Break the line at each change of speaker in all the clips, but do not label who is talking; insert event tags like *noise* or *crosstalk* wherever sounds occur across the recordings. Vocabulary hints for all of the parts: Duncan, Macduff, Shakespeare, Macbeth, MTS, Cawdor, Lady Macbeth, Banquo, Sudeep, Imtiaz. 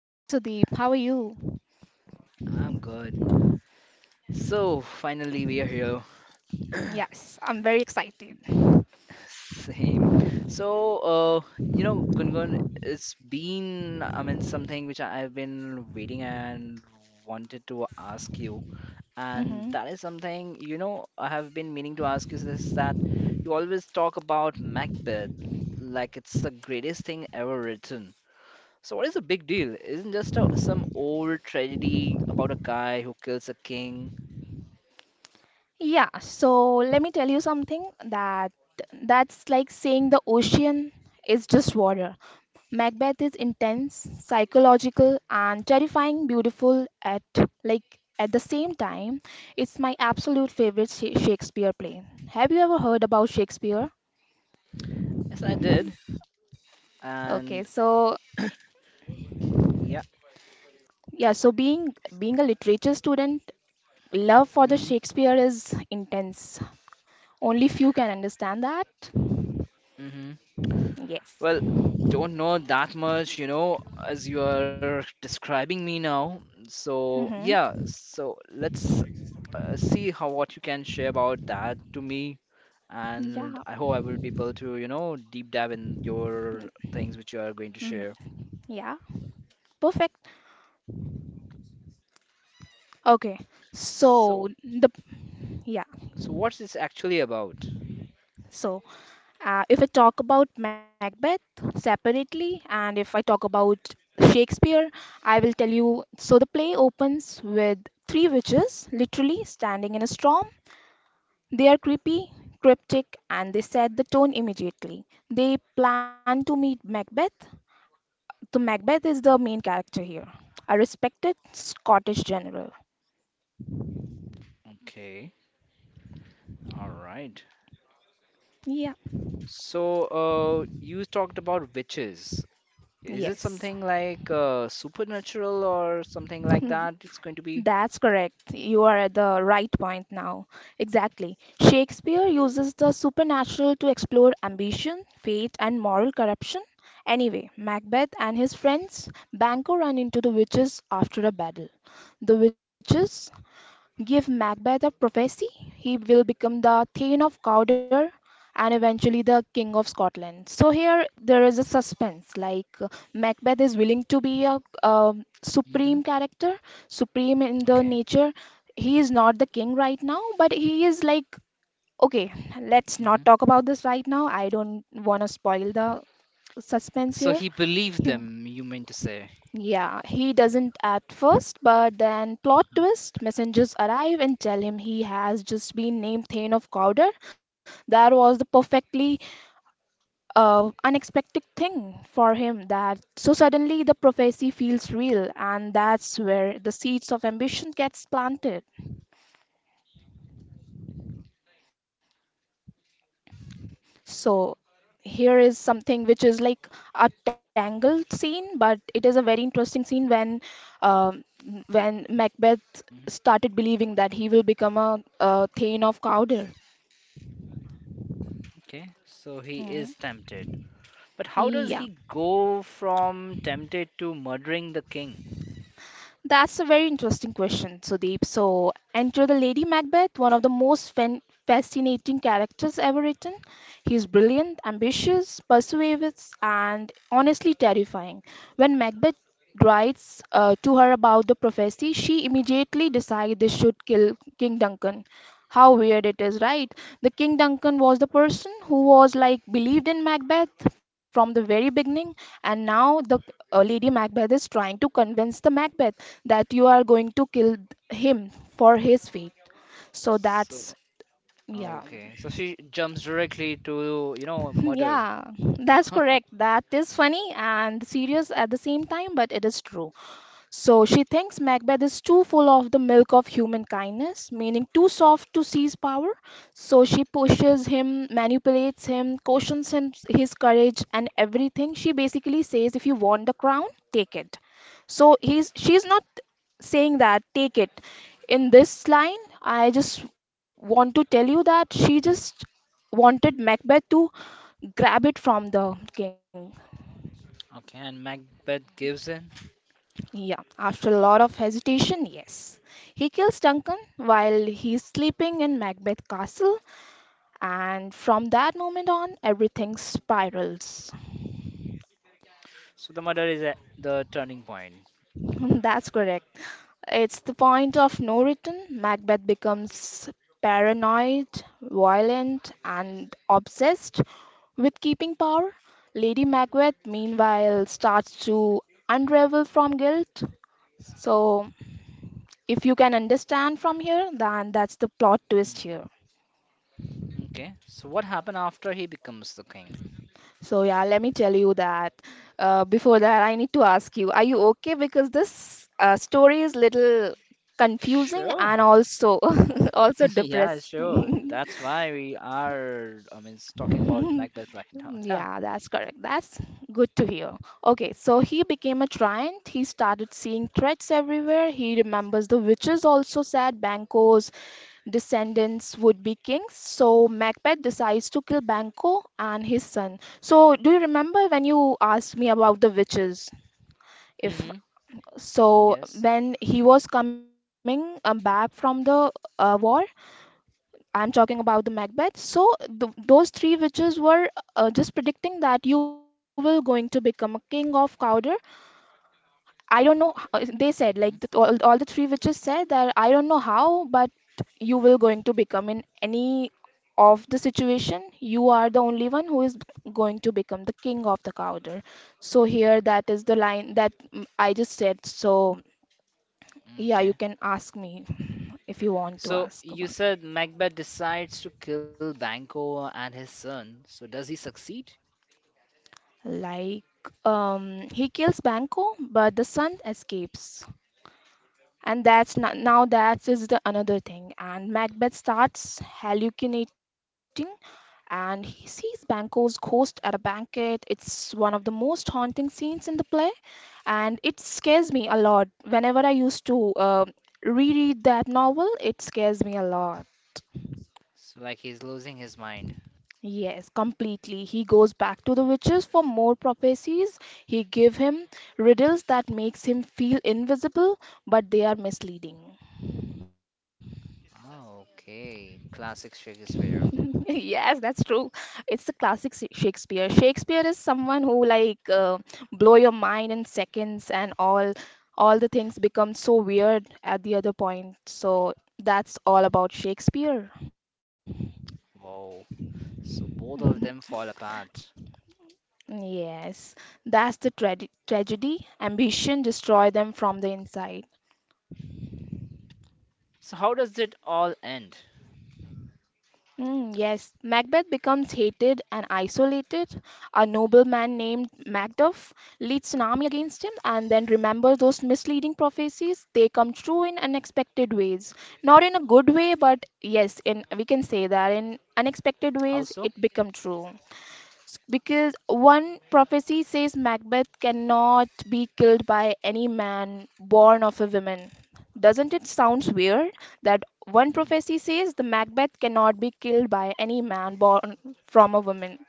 Hey Sudeep, how are you?
I'm good. So finally we are here. *coughs*
Yes, I'm very excited.
*clears throat* Same. So you know, Gungun, it's been, I mean, something which I've been waiting and wanted to ask you, and
hmm
that is something you know I have been meaning to ask you, is that you always talk about Macbeth like it's the greatest thing ever written. So what is the big deal? Isn't just some old tragedy about a guy who kills a king?
Yeah, so let me tell you something that that's like saying the ocean is just water. Macbeth is intense, psychological, and terrifying, beautiful at like at the same time. It's my absolute favorite Shakespeare play. Have you ever heard about Shakespeare?
Yes, I did.
Okay,
And
so
yeah.
yeah, so being a literature student, love for the
Hmm.
Shakespeare is intense. Only few can understand that.
Hmm.
Yes.
Well, don't know that much, as you are describing me now. So
Mm-hmm.
yeah, so let's see how what you can share about that to me. And
Yeah.
I hope I will be able to, deep dive in your things which you are going to
Mm-hmm.
share.
Yeah. Perfect. Okay. So
So,
the yeah.
so, what's this actually about?
So if I talk about Macbeth separately, and if I talk about Shakespeare, I will tell you. So the play opens with three witches literally standing in a storm. They are creepy, cryptic, and they set the tone immediately. They plan to meet Macbeth. So Macbeth is the main character here, a respected Scottish general.
Okay, all right.
Yeah.
So, you talked about witches. Is it
Yes.
something like supernatural or something
*laughs*
like
Hmm,
that? It's going to be.
That's correct. You are at the right point now. Exactly. Shakespeare uses the supernatural to explore ambition, fate, and moral corruption. Anyway, Macbeth and his friends, Banquo, run into the witches after a battle. The witches give Macbeth a prophecy: he will become the Thane of Cawdor and eventually the King of Scotland. So here there is a suspense, like Macbeth is willing to be a,
Hmm.
supreme character, supreme in the
Okay.
nature. He is not the king right now, but he is like, okay, let's
Hmm.
not talk about this right now. I don't want to spoil the suspense
So
here.
he believed
*laughs*
them, you mean to say.
Yeah, he doesn't at first, but then plot twist, messengers arrive and tell him he has just been named Thane of Cawdor. That was the perfectly unexpected thing for him, that so suddenly the prophecy feels real, and that's where the seeds of ambition gets planted. So here is something which is like a tangled scene, but it is a very interesting scene um, when Macbeth
Mhm.
started believing that he will become a, Thane of Cawdor.
Okay. So he
Hmm.
is tempted. But how does
Yeah,
he go from tempted to murdering the king?
that's a very interesting question, Sudeep. So enter the Lady Macbeth, one of the most fan fascinating characters ever written. He's brilliant, ambitious, persuasive, and honestly terrifying. When Macbeth writes to her about the prophecy, she immediately decides they should kill King Duncan. How weird it is, right? The King Duncan was the person who was like believed in Macbeth from the very beginning, and now the Lady Macbeth is trying to convince the Macbeth that you are going to kill him for his fate. So
So,
that's yeah.
okay. So she jumps directly to, murder. *laughs*
Yeah, that's correct. That is funny and serious at the same time, but it is true. So she thinks Macbeth is too full of the milk of human kindness, meaning too soft to seize power. So she pushes him, manipulates him, cautions him his courage and everything. She basically says, if you want the crown, take it. So he's she's not saying that take it. In this line, I just want to tell you that she just wanted Macbeth to grab it from the king.
Okay, and Macbeth gives in.
Yeah, after a lot of hesitation, yes. He kills Duncan while he's sleeping in Macbeth Castle, and from that moment on, everything spirals.
So the murder is at the turning point.
*laughs* That's correct. It's the point of no return. Macbeth becomes paranoid, violent, and obsessed with keeping power. Lady Macbeth, meanwhile, starts to unravel from guilt. So, if you can understand from here, then that's the plot twist
Hmm.
here.
Okay. So what happened after he becomes the king?
So, yeah, let me tell you that. Before that, I need to ask you, are you okay? Because this story is little confusing
Sure.
and also *laughs* also
*laughs* Yeah, sure.
depressing.
That's
*laughs*
why we are, I mean, talking about
*laughs*
Macbeth *laughs* right now. Yeah.
Yeah, that's correct. That's good to hear. Okay, so he became a giant. He started seeing threats everywhere. He remembers the witches also said Banquo's descendants would be kings. So Macbeth decides to kill Banquo and his son. So, do you remember when you asked me about the witches? If
Mm-hmm.
so,
Yes.
when he was coming back from the war, I'm talking about the Macbeth. So those three witches were just predicting that you will going to become a king of Cawdor. I don't know. They said like
Mm-hmm.
all the three witches said that I don't know how, but you will going to become in any of the situation. You are the only one who is going to become the king of the Cawdor. So here that is the line that I just said. So yeah, you
Okay.
can ask me *laughs* if you want to
So
ask
you
about.
said Macbeth decides to kill Banquo and his son. So does he succeed?
Like, he kills Banco, but the son escapes. And that's now that is the another thing. And Macbeth starts hallucinating and he sees Banco's ghost at a banquet. It's one of the most haunting scenes in the play, and it scares me a lot. Whenever I used to reread that novel, it scares me a lot.
So like he's losing his mind.
Yes, completely. He goes back to the witches for more prophecies. He give him riddles that makes him feel invisible, but they are misleading.
Oh, okay. Classic
*laughs*
Shakespeare.
Yes, that's true. It's a classic Shakespeare. Shakespeare is someone who like blow your mind in seconds, and all the things become so weird at the other point. So that's all about Shakespeare.
Wow. So both of
*laughs*
them fall apart.
Yes, that's the tragedy. Ambition destroy them from the inside.
So how does it all end?
Mm, yes, Macbeth becomes hated and isolated. A nobleman named Macduff leads an army against him, and then remember those misleading prophecies? They come true in unexpected ways. Not in a good way, but yes, in we can say that in unexpected ways
How so?
it become true. Because one prophecy says Macbeth cannot be killed by any man born of a woman. Doesn't it sounds weird that one prophecy
Mm.
says the Macbeth cannot be killed by any man born from a woman?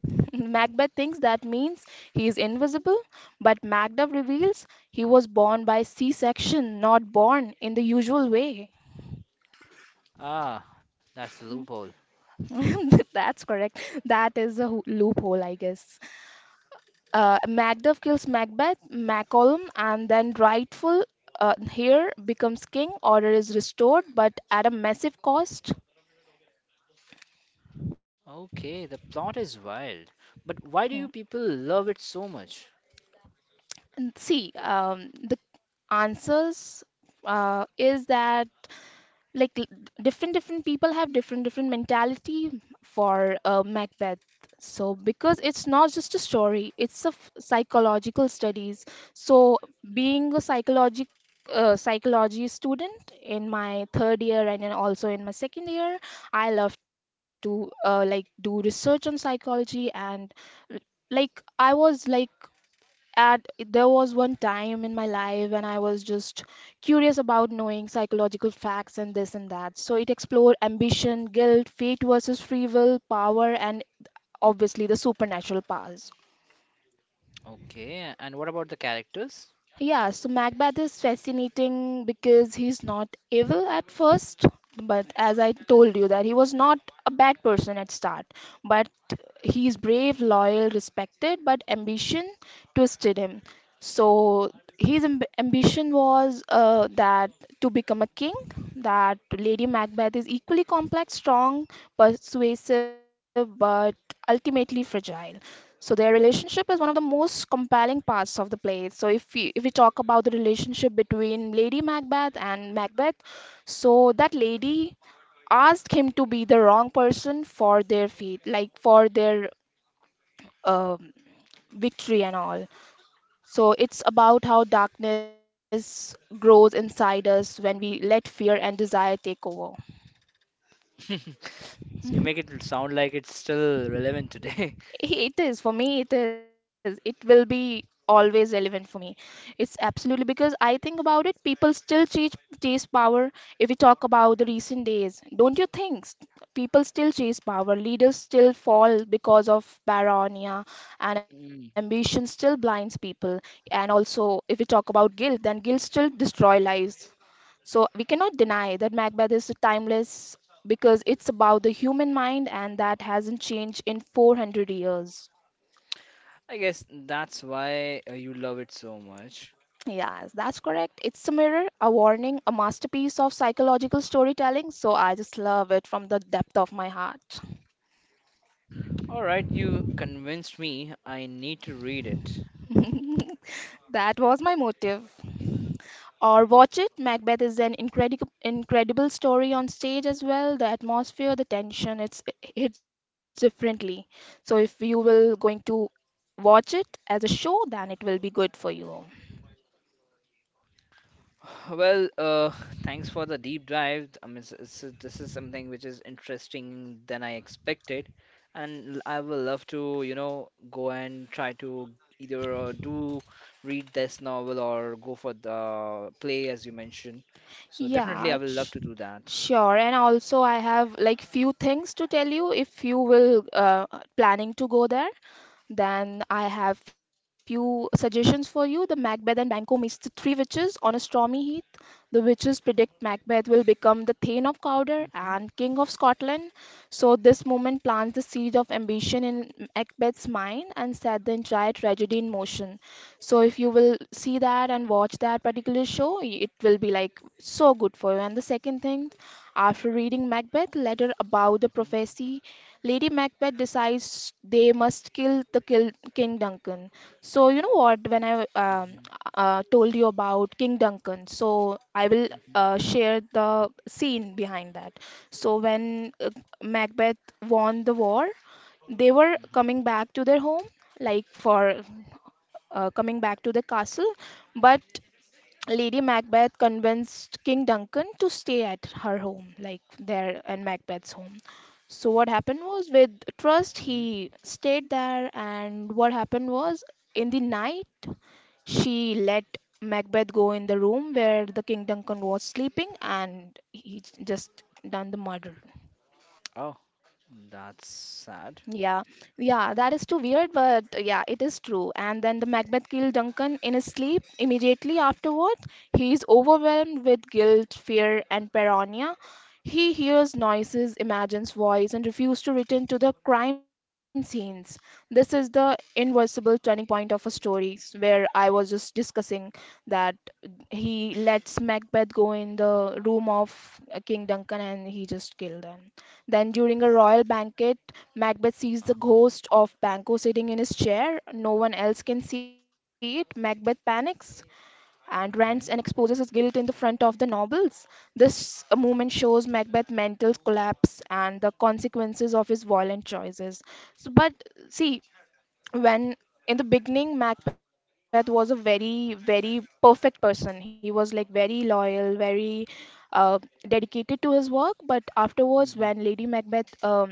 *laughs* Macbeth thinks that means he is invisible, but Macduff reveals he was born by C section, not born in the usual way.
Ah, that's the loophole.
*laughs* That's correct. That is a loophole, I guess. Macduff kills Macbeth, Macallum, and then rightful heir becomes king. Order is restored, but at a massive cost.
Okay, the plot is wild. But
Hmm.
why do you people love it so much?
And see, the answers is that like different people have different mentality for macbeth, so because it's not just a story, it's a psychological studies. So being a psychologic psychology student in my third year and then also in my second year, I love to like do research on psychology and l- like I was like at there was one time in my life when I was just curious about knowing psychological facts and this and that. So it explored ambition, guilt, fate versus free will, power, and obviously the supernatural powers.
Okay, and what about the characters?
Yeah, so Macbeth is fascinating because he's not evil at first, but as I told you that he was not a bad person at start, but he's brave, loyal, respected, but ambition twisted him. So his ambition was that to become a king, that Lady Macbeth is equally complex, strong, persuasive, but ultimately fragile. So their relationship is one of the most compelling parts of the play. So if we talk about the relationship between Lady Macbeth and Macbeth, so that lady asked him to be the wrong person for their feet, like for their um victory and all. So it's about how darkness grows inside us when we let fear and desire take over.
*laughs* So you make
*laughs*
it sound like it's still relevant today. *laughs*
It is for me. It is. It will be always relevant for me. It's absolutely because I think about it. People still chase power. If we talk about the recent days, don't you think people still chase power? Leaders still fall because of paranoia, and ambition
Mm.
still blinds people. And also, if we talk about guilt, then guilt still destroy lives. So we cannot deny that Macbeth is timeless because it's about the human mind, and that hasn't changed in 400 years.
I guess that's why you love it so much.
Yes, that's correct. It's a mirror, a warning, a masterpiece of psychological storytelling. So I just love it from the depth of my heart.
All right, you convinced me I need to read it.
*laughs* That was my motive. Or watch it. Macbeth is an incredible, incredible story on stage as well. The atmosphere, the tension, it hits differently. So if you will going to watch it as a show, then it will be good for you.
Well, thanks for the deep dive. I mean, this is something which is interesting than I expected, and I will love to, go and try to either do read this novel or go for the play as you mentioned. So definitely,
Yeah,
I will love to do that.
sure. And also, I have like few things to tell you if you will planning to go there. Then I have few suggestions for you. The Macbeth and Banquo meets the three witches on a stormy heath. The witches predict Macbeth will become the Thane of Cawdor
Hmm.
and King of Scotland. So this moment plants the seed of ambition in Macbeth's mind and set the entire tragedy in
Okay.
motion. So if you will see that and watch that particular show, it will be like so good for you. And the second thing, after reading Macbeth, letter about the
Hmm.
prophecy Lady Macbeth decides they must kill King Duncan. So you know what? When I um,
Hmm.
uh, told you about King Duncan, so I will
Hmm.
share the scene behind that. So when Macbeth won the war, they were
Hmm.
coming back to their home, like for coming back to the castle, but Lady Macbeth convinced King Duncan to stay at her home, like there in Macbeth's home. So what happened was with trust
Hmm.
he stayed there, and what happened was in the night she let Macbeth go in the room where the King Duncan was sleeping and he just done the murder.
Oh, that's
Yeah,
sad.
yeah, that is too weird, but yeah, it is true. And then the Macbeth killed Duncan in his sleep. Immediately afterward, he is overwhelmed with guilt, fear, and paranoia. He hears noises, imagines voice, and refuses to return to the crime scenes. This is the irreversible turning point of a where I was just discussing that he lets Macbeth go in the room of King Duncan and he just killed him. Then, during a royal banquet, Macbeth sees
Uh-huh.
the ghost of Banquo sitting in his chair. No one else can see it. Macbeth panics and rants and
Okay.
exposes his guilt in the front of the nobles. This moment shows Macbeth's mental collapse and the consequences of his violent choices. So, but see, when in the beginning Macbeth was a very perfect person. He was like very loyal, very uh, dedicated to his work, but afterwards when
Hmm.
Lady Macbeth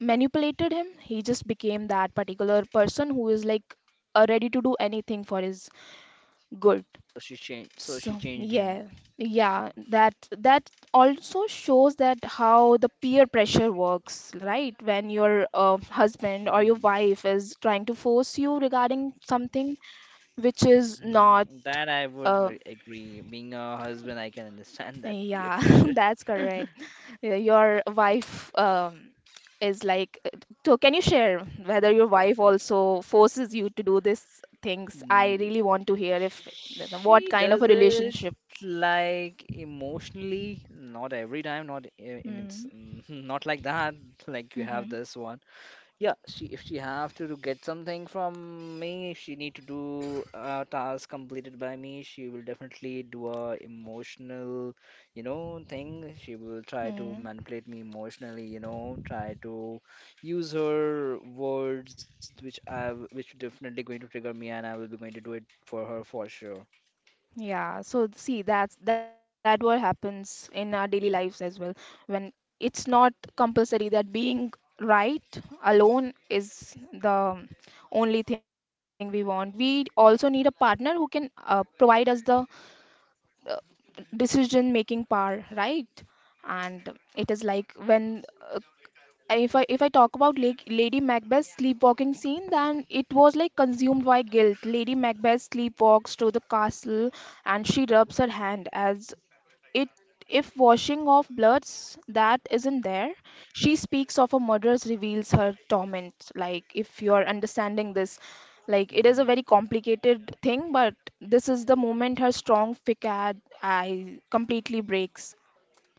manipulated him he just became that particular person who is like ready to do anything for his good.
So she changed. So she
So
changed
yeah, yeah, that also shows that how the peer pressure works, right? When your husband or your
him.
wife is trying to force you regarding something which is not
Mhm. That I would
uh,
agree. Being a husband, I can understand that peer
yeah, *laughs*
pressure.
that's correct.
*laughs*
Yeah. Your wife is like, so can you share whether your wife also forces you to do these things? I
Mm,
really want to hear if what
she
kind of a
does it
relationship.
like emotionally, not every time, not I I mean, s-
Hmm.
mm, *laughs* not like that. Like you have
Mm-hmm.
this one, yeah, she if she have to do get something from me, if she need to do a task completed by me, she will definitely do a emotional, thing. She will try to
Hmm.
manipulate me emotionally, try to use her words, which definitely going to trigger me, and I will be going to do it for her for sure.
Yeah. So see, that's that what happens in our daily lives as well. When it's not compulsory that being right alone is the only thing we want. We also need a partner who can provide us the uh, decision making power, right? And it is like when uh, if I talk about Lady Macbeth's sleepwalking scene, then it was like consumed by guilt. Lady Macbeth sleepwalks to the castle, and she rubs her hand as it if washing off bloods that isn't there. She speaks of a murder's reveals her torment. Like, if you are understanding this, like it is a
Hmm.
very complicated thing, but this is the moment her strong facade I completely breaks.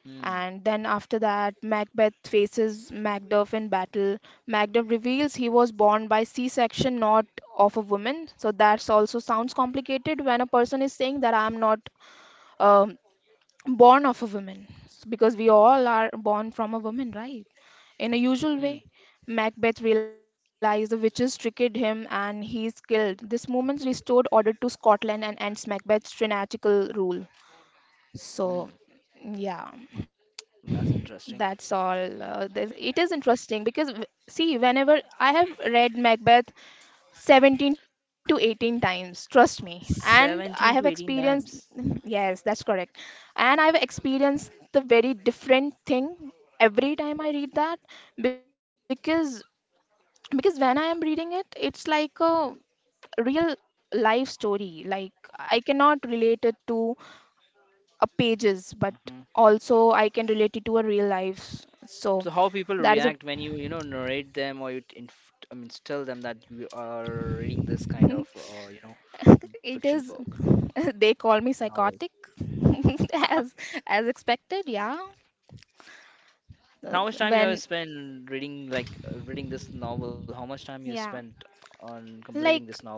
Hmm.
And then after that, Macbeth faces Macduff in battle. Macduff reveals he was born by C section, not of a woman. So that's also sounds complicated when a person is saying that I'm not um, born of a woman. Because we all are born from a woman, right? In a usual
Hmm.
way, Macbeth realizes the witches tricked him and he is killed. This moment restored order to Scotland and ends Macbeth's tyrannical rule.
Mm,
So, yeah,
that's interesting.
that's all. This, it is interesting because, see, whenever I have read Macbeth 17 to 18 times, trust me, and I
17
have
to 18
experienced,
times.
*laughs* yes, that's correct, and I have experienced the very different thing every time I read that, because when I am reading it, it's like a real life story. Like, I cannot relate it to a pages, but
Hmm.
also I can relate it to a real life. So
So how people
that is
react
a
when you know narrate them or you I mean tell them that you are reading this kind of
*laughs* it
fiction
is
book
*laughs* they call me
novel.
psychotic. *laughs*
*laughs*
as as expected, yeah. Uh,
How much time you have
when
spent reading this novel? How much time you spent
yeah
on completing this
like
novel?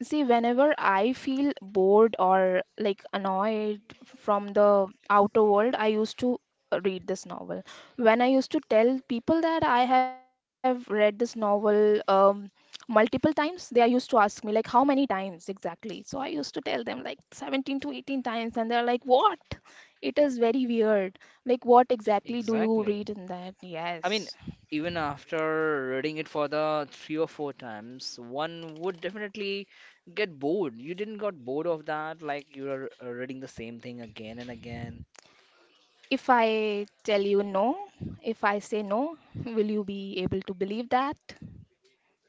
See, whenever I feel bored or like annoyed from the outer world, I used to read this novel. When I used to tell people that I have read this novel multiple times, they are used to ask me, like, how many times exactly? So I used to tell them, like, 17 to 18 times, and they're like, what? It is very weird. Like, what exactly do you
Exactly.
read in that?
I mean,
Yes.
even after reading it for the three or four times, one would definitely get bored. You didn't got bored of that, like you are reading the same thing again and again.
If I tell you no, if I say no, will you be able to believe that?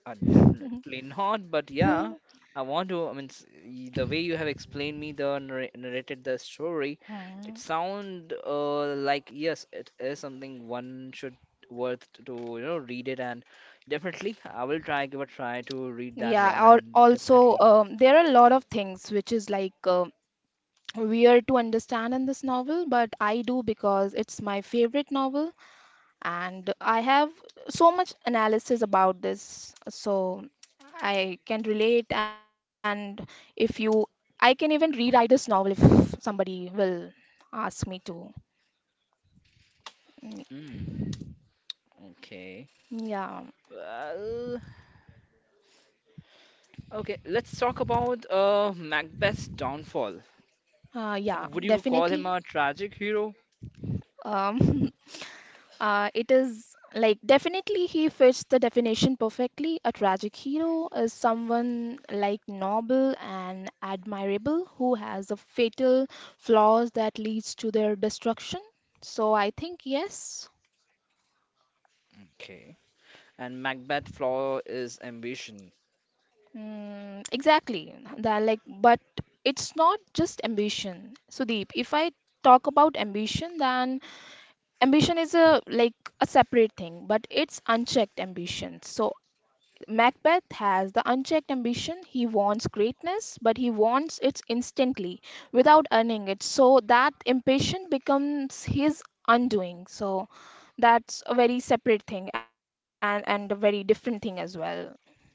Definitely *laughs* not, but yeah,
*laughs*
I want to. I mean, the way you have explained me the narrated the story, it
Hmm.
sound like yes, it is something one should worth to read it and definitely I will try give a try to read that
Yeah,
one and
also,
definitely.
there are a lot of things which is like weird to understand in this novel, but I do because it's my favorite novel and I have so much analysis about this. So I can relate, and if you, I can even rewrite this novel if somebody will ask me to. Mm.
Mm. Okay.
Yeah,
Well, okay, let's talk about Macbeth's downfall.
yeah,
Would you call him
definitely.
a tragic hero?
Um, *laughs* it is like definitely he fits the definition perfectly. A tragic hero is someone like noble and admirable who has a fatal flaws that leads to their destruction. So I think yes,
Okay. And Macbeth's flaw is ambition.
mm, exactly. That like, but it's not just ambition, Sudeep. If I talk about ambition, then ambition is a like a separate thing, but it's unchecked ambition. So Macbeth has the unchecked ambition. He wants greatness but he wants it instantly without earning it, so that impatience becomes his undoing. So that's a very separate thing, and a very different thing as well.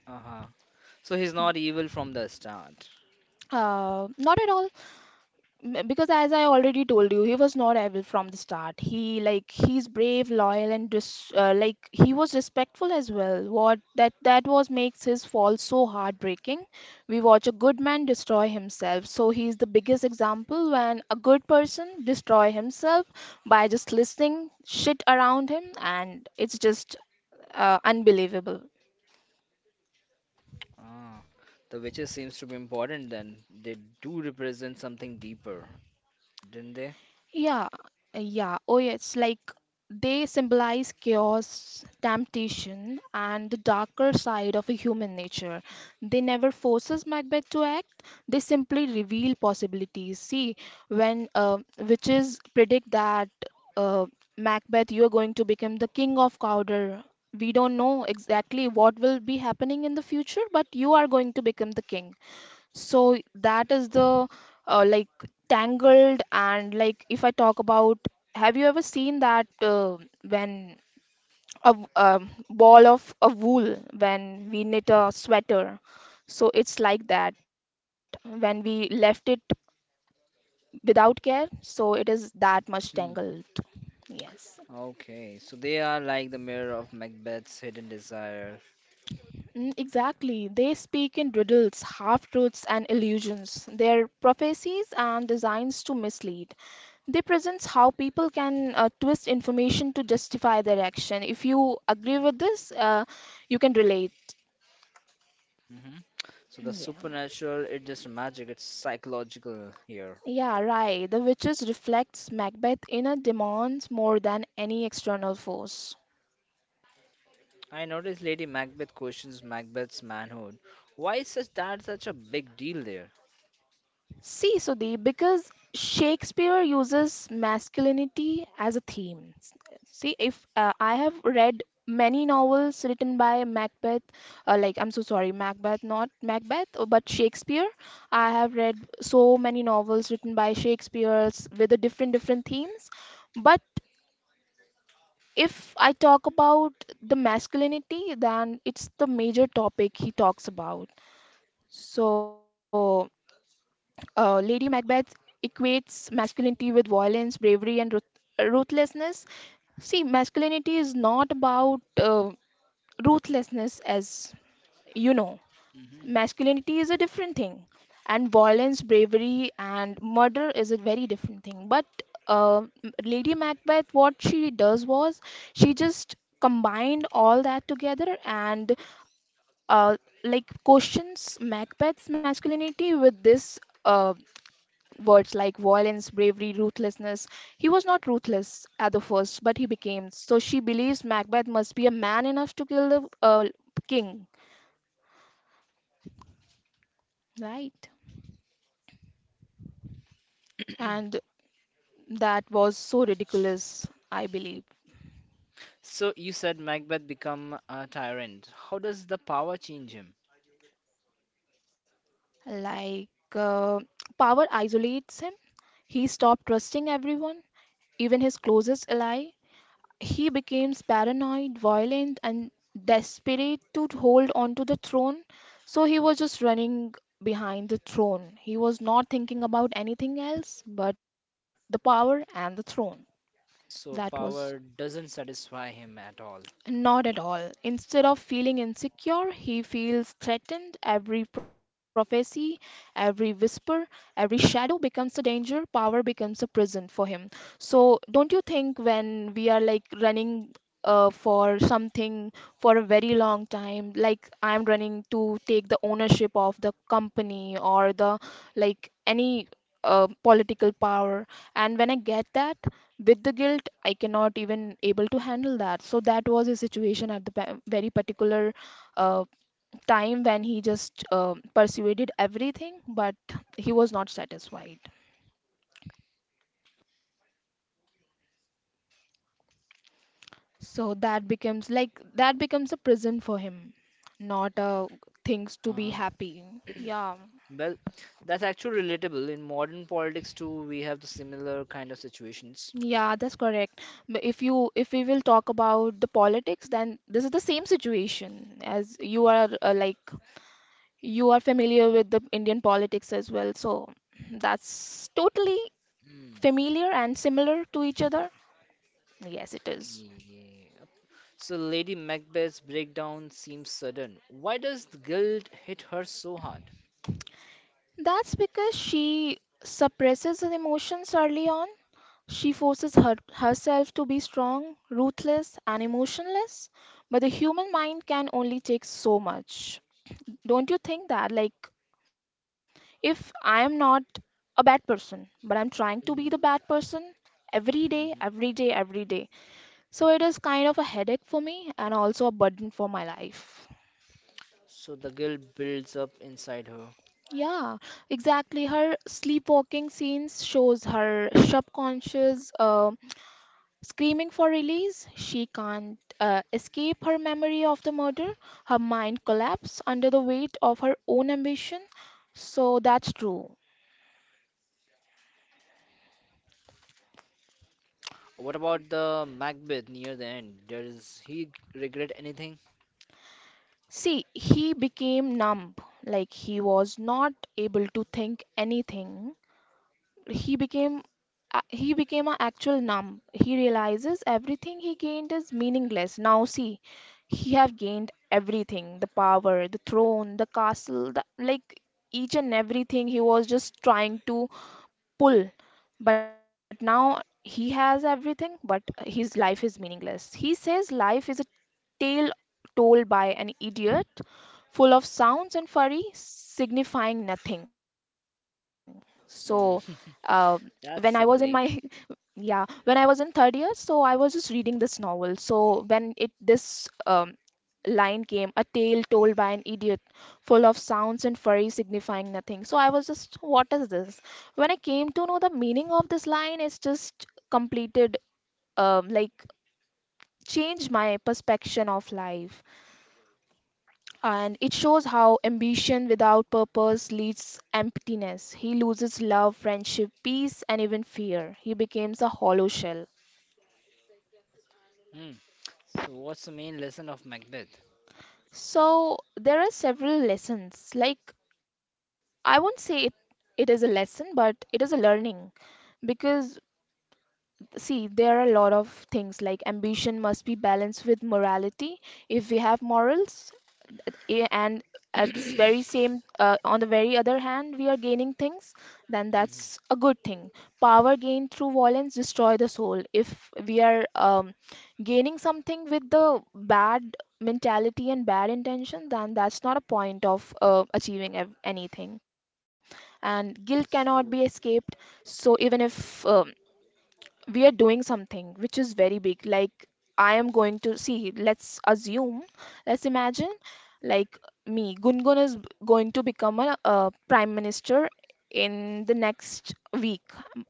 Uh-huh. So he's
Hmm.
not evil from the start.
Not at all. Because as I already told you, he was not evil from the start. He like he's brave, loyal, and like he was respectful as well. What that that was makes his fall so heartbreaking. We watch a good man destroy himself, so he's the biggest example when a good person destroy himself by just listening shit around him, and it's just unbelievable.
Ah, the witches seems to be important then. They do represent something deeper, didn't they?
Yeah, yeah. Oh, yes. Like, they symbolize chaos, temptation, and the darker side of human nature. They never forces Macbeth to act. They simply reveal possibilities. See, when witches predict that uh, Macbeth, you are going to become the king of Cawdor. We don't know exactly what will be happening in the future, but you are going to become the king. So that is the like tangled, and like, if I talk about, have you ever seen that when a ball of a wool when we knit a sweater? So it's like that. When we left it without care, so it is that much
Hmm.
tangled. Yes.
Okay, so they are like the mirror of Macbeth's hidden desire.
Mm, exactly. They speak in riddles, half-truths, and illusions. Their prophecies and designs to mislead. They presents how people can twist information to justify their action. If you agree with this, you can relate.
Hmm. So the
Mm. Yeah.
supernatural, it's just magic, it's psychological here.
Yeah, right. The witches reflects Macbeth inner demons more than any external force.
I noticed Lady Macbeth questions Macbeth's manhood. Why is such a big deal there?
See, Sudhi, because Shakespeare uses masculinity as a theme. See, if I have read many novels written by Macbeth, like I'm so sorry, Macbeth, not Macbeth, but Shakespeare. I have read so many novels written by Shakespeare with the different themes. But if I talk about the masculinity, then it's the major topic he talks about. So. Lady Macbeth equates masculinity with violence, bravery, and ruthlessness. See, masculinity is not about ruthlessness, as you know.
Hmm.
Masculinity is a different thing, and violence, bravery, and murder is a very different thing. But Lady Macbeth, what she does was she just combined all that together and uh, like questions Macbeth's masculinity with this. Uh, words like violence, bravery, ruthlessness. He was not ruthless at the first, but he became. So she believes Macbeth must be a man enough to kill the king, right? And that was so ridiculous, I believe.
So you said Macbeth become a tyrant. How does the power change him?
Like, uh, power isolates him. He stopped trusting everyone, even his closest ally. He becomes paranoid, violent, and desperate to hold on to the throne. So he was just running behind the throne. He was not thinking about anything else but the power and the throne. That
So
was
power doesn't satisfy him at all.
not at all. Instead of feeling insecure, he feels threatened. Every prophecy, every whisper, every shadow becomes a danger. Power becomes a prison for him. So, don't you think when we are like running for something for a very long time, like I'm running to take the ownership of the company or the like any political power, and when I get that, with the guilt I cannot even able to handle that. So that was a situation at the very particular uh, time when he just persuaded everything but he was not satisfied, so that becomes like that becomes a prison for him, not things to be
Uh-huh.
happy.
*clears throat*
Yeah.
Well, that's actually relatable. In modern politics too, we have the similar kind of situations.
Yeah, that's correct. But if you if we will talk about the politics, then this is the same situation. As you are like, you are familiar with the Indian politics as well, so that's totally
Hmm.
familiar and similar to each other. Yes, it is.
Yeah. So Lady Macbeth's breakdown seems sudden. Why does the guilt hit her so hard?
That's because she suppresses her emotions early on. She forces herself to be strong, ruthless, and emotionless, but the human mind can only take so much. Don't you think that? Like, if I am not a bad person, but I'm trying to be the
Mm.
bad person every day, every day, every day. So it is kind of a headache for me and also a burden for my life.
So the guilt builds up inside her.
Yeah, exactly. Her sleepwalking scenes shows her subconscious screaming for release. She can't escape her memory of the murder. Her mind collapses under the weight of her own ambition. So that's true.
What about the Macbeth near the end? Does he regret anything?
See, he became numb, like he was not able to think anything he became he became an actual numb. He realizes everything he gained is meaningless. Now see, he have gained everything: the power, the throne, the castle, the, like each and everything. He was just trying to pull, but now he has everything, but his life is meaningless. He says life is a tale told by an idiot, full of sounds and furry signifying nothing. So uh,
Mm,
when
*laughs*
I was in my
that's a bleak.
*laughs* yeah, when I was in third year, so I was just reading this novel. So when it this um, line came, a tale told by an idiot full of sounds and furry signifying nothing. So I was just, what is this? When I came to know the meaning of this line, it's just completed, like, changed my perception of life. And it shows how ambition without purpose leads emptiness. He loses love, friendship, peace, and even fear. He becomes a hollow shell.
Hmm. So what's the main lesson of Macbeth?
So there are several lessons. Like, I won't say it, it is a lesson, but it is a learning, because see, there are a lot of things like ambition must be balanced with morality. If we have morals, and at this very same on the very other hand we are gaining things, then that's a good thing. Power gained through violence destroy the soul. If we are gaining something with the bad mentality and bad intention, then that's not a point of achieving anything. And guilt cannot be
So,
escaped. So even if we are doing something which is very big, like, I am going to see, let's assume, let's imagine, like, me Gungun is going to become a, uh, prime minister in the next week,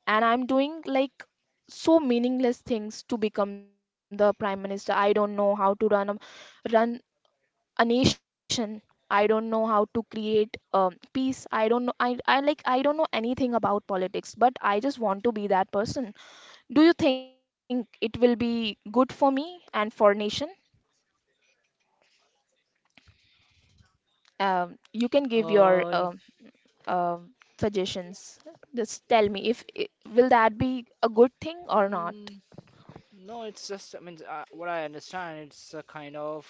and I'm doing like so meaningless things to become the prime minister. I don't know how to run a run a nation, I don't know how to create peace, I don't know, I like I don't know anything about politics, but I just want to be that person. Do you think it will be good for me and for nation? You can give your
uh, n-
um suggestions. Just tell me if will that be a good thing or not.
mm, no, it's just, I mean, what I understand, it's a kind of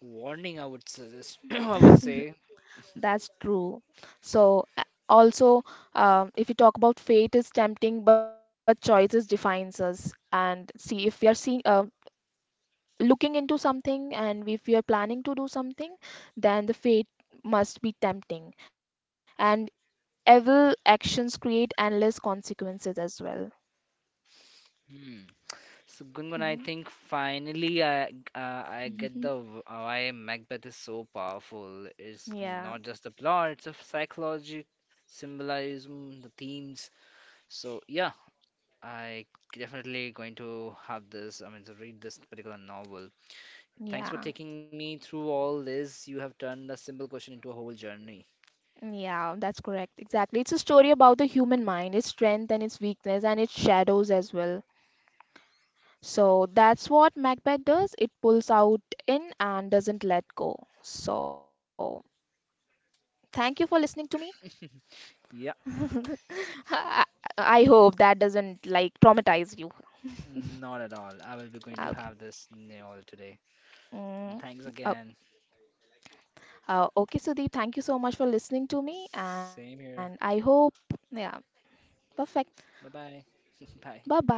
warning, I would suggest, *coughs* *clears throat* I would say.
That's true. So also, if you talk about, fate is tempting but choices defines us. And see, if we are seeing, looking into something, and if we are planning to do something, then the fate must be tempting. And evil actions create endless consequences as well.
Hmm. So Gungun, I
Mhm.
think finally I get
Mhm.
why Macbeth is so powerful. It's
Yeah,
not just the plot; it's a psychology, symbolism, the themes. So yeah, I definitely going to have this. I mean, to read this particular novel. Thanks for
yeah,
taking me through all this. You have turned a simple question into a whole journey.
yeah, that's correct. Exactly. It's a story about the human mind, its strength and its weakness, and its shadows as well. So that's what Macbeth does. It pulls out in and doesn't let go. So thank you for listening to me.
Yeah,
*laughs* I, I hope that doesn't like traumatize you.
not at all. I will be
Ah,
going to
okay.
have this all today.
Mm,
Thanks
oh,
again.
okay, Sudeep, thank you so much for listening to me, and I
Same
hope,
here.
yeah, perfect.
Bye bye. *laughs* Bye.
Bye-bye.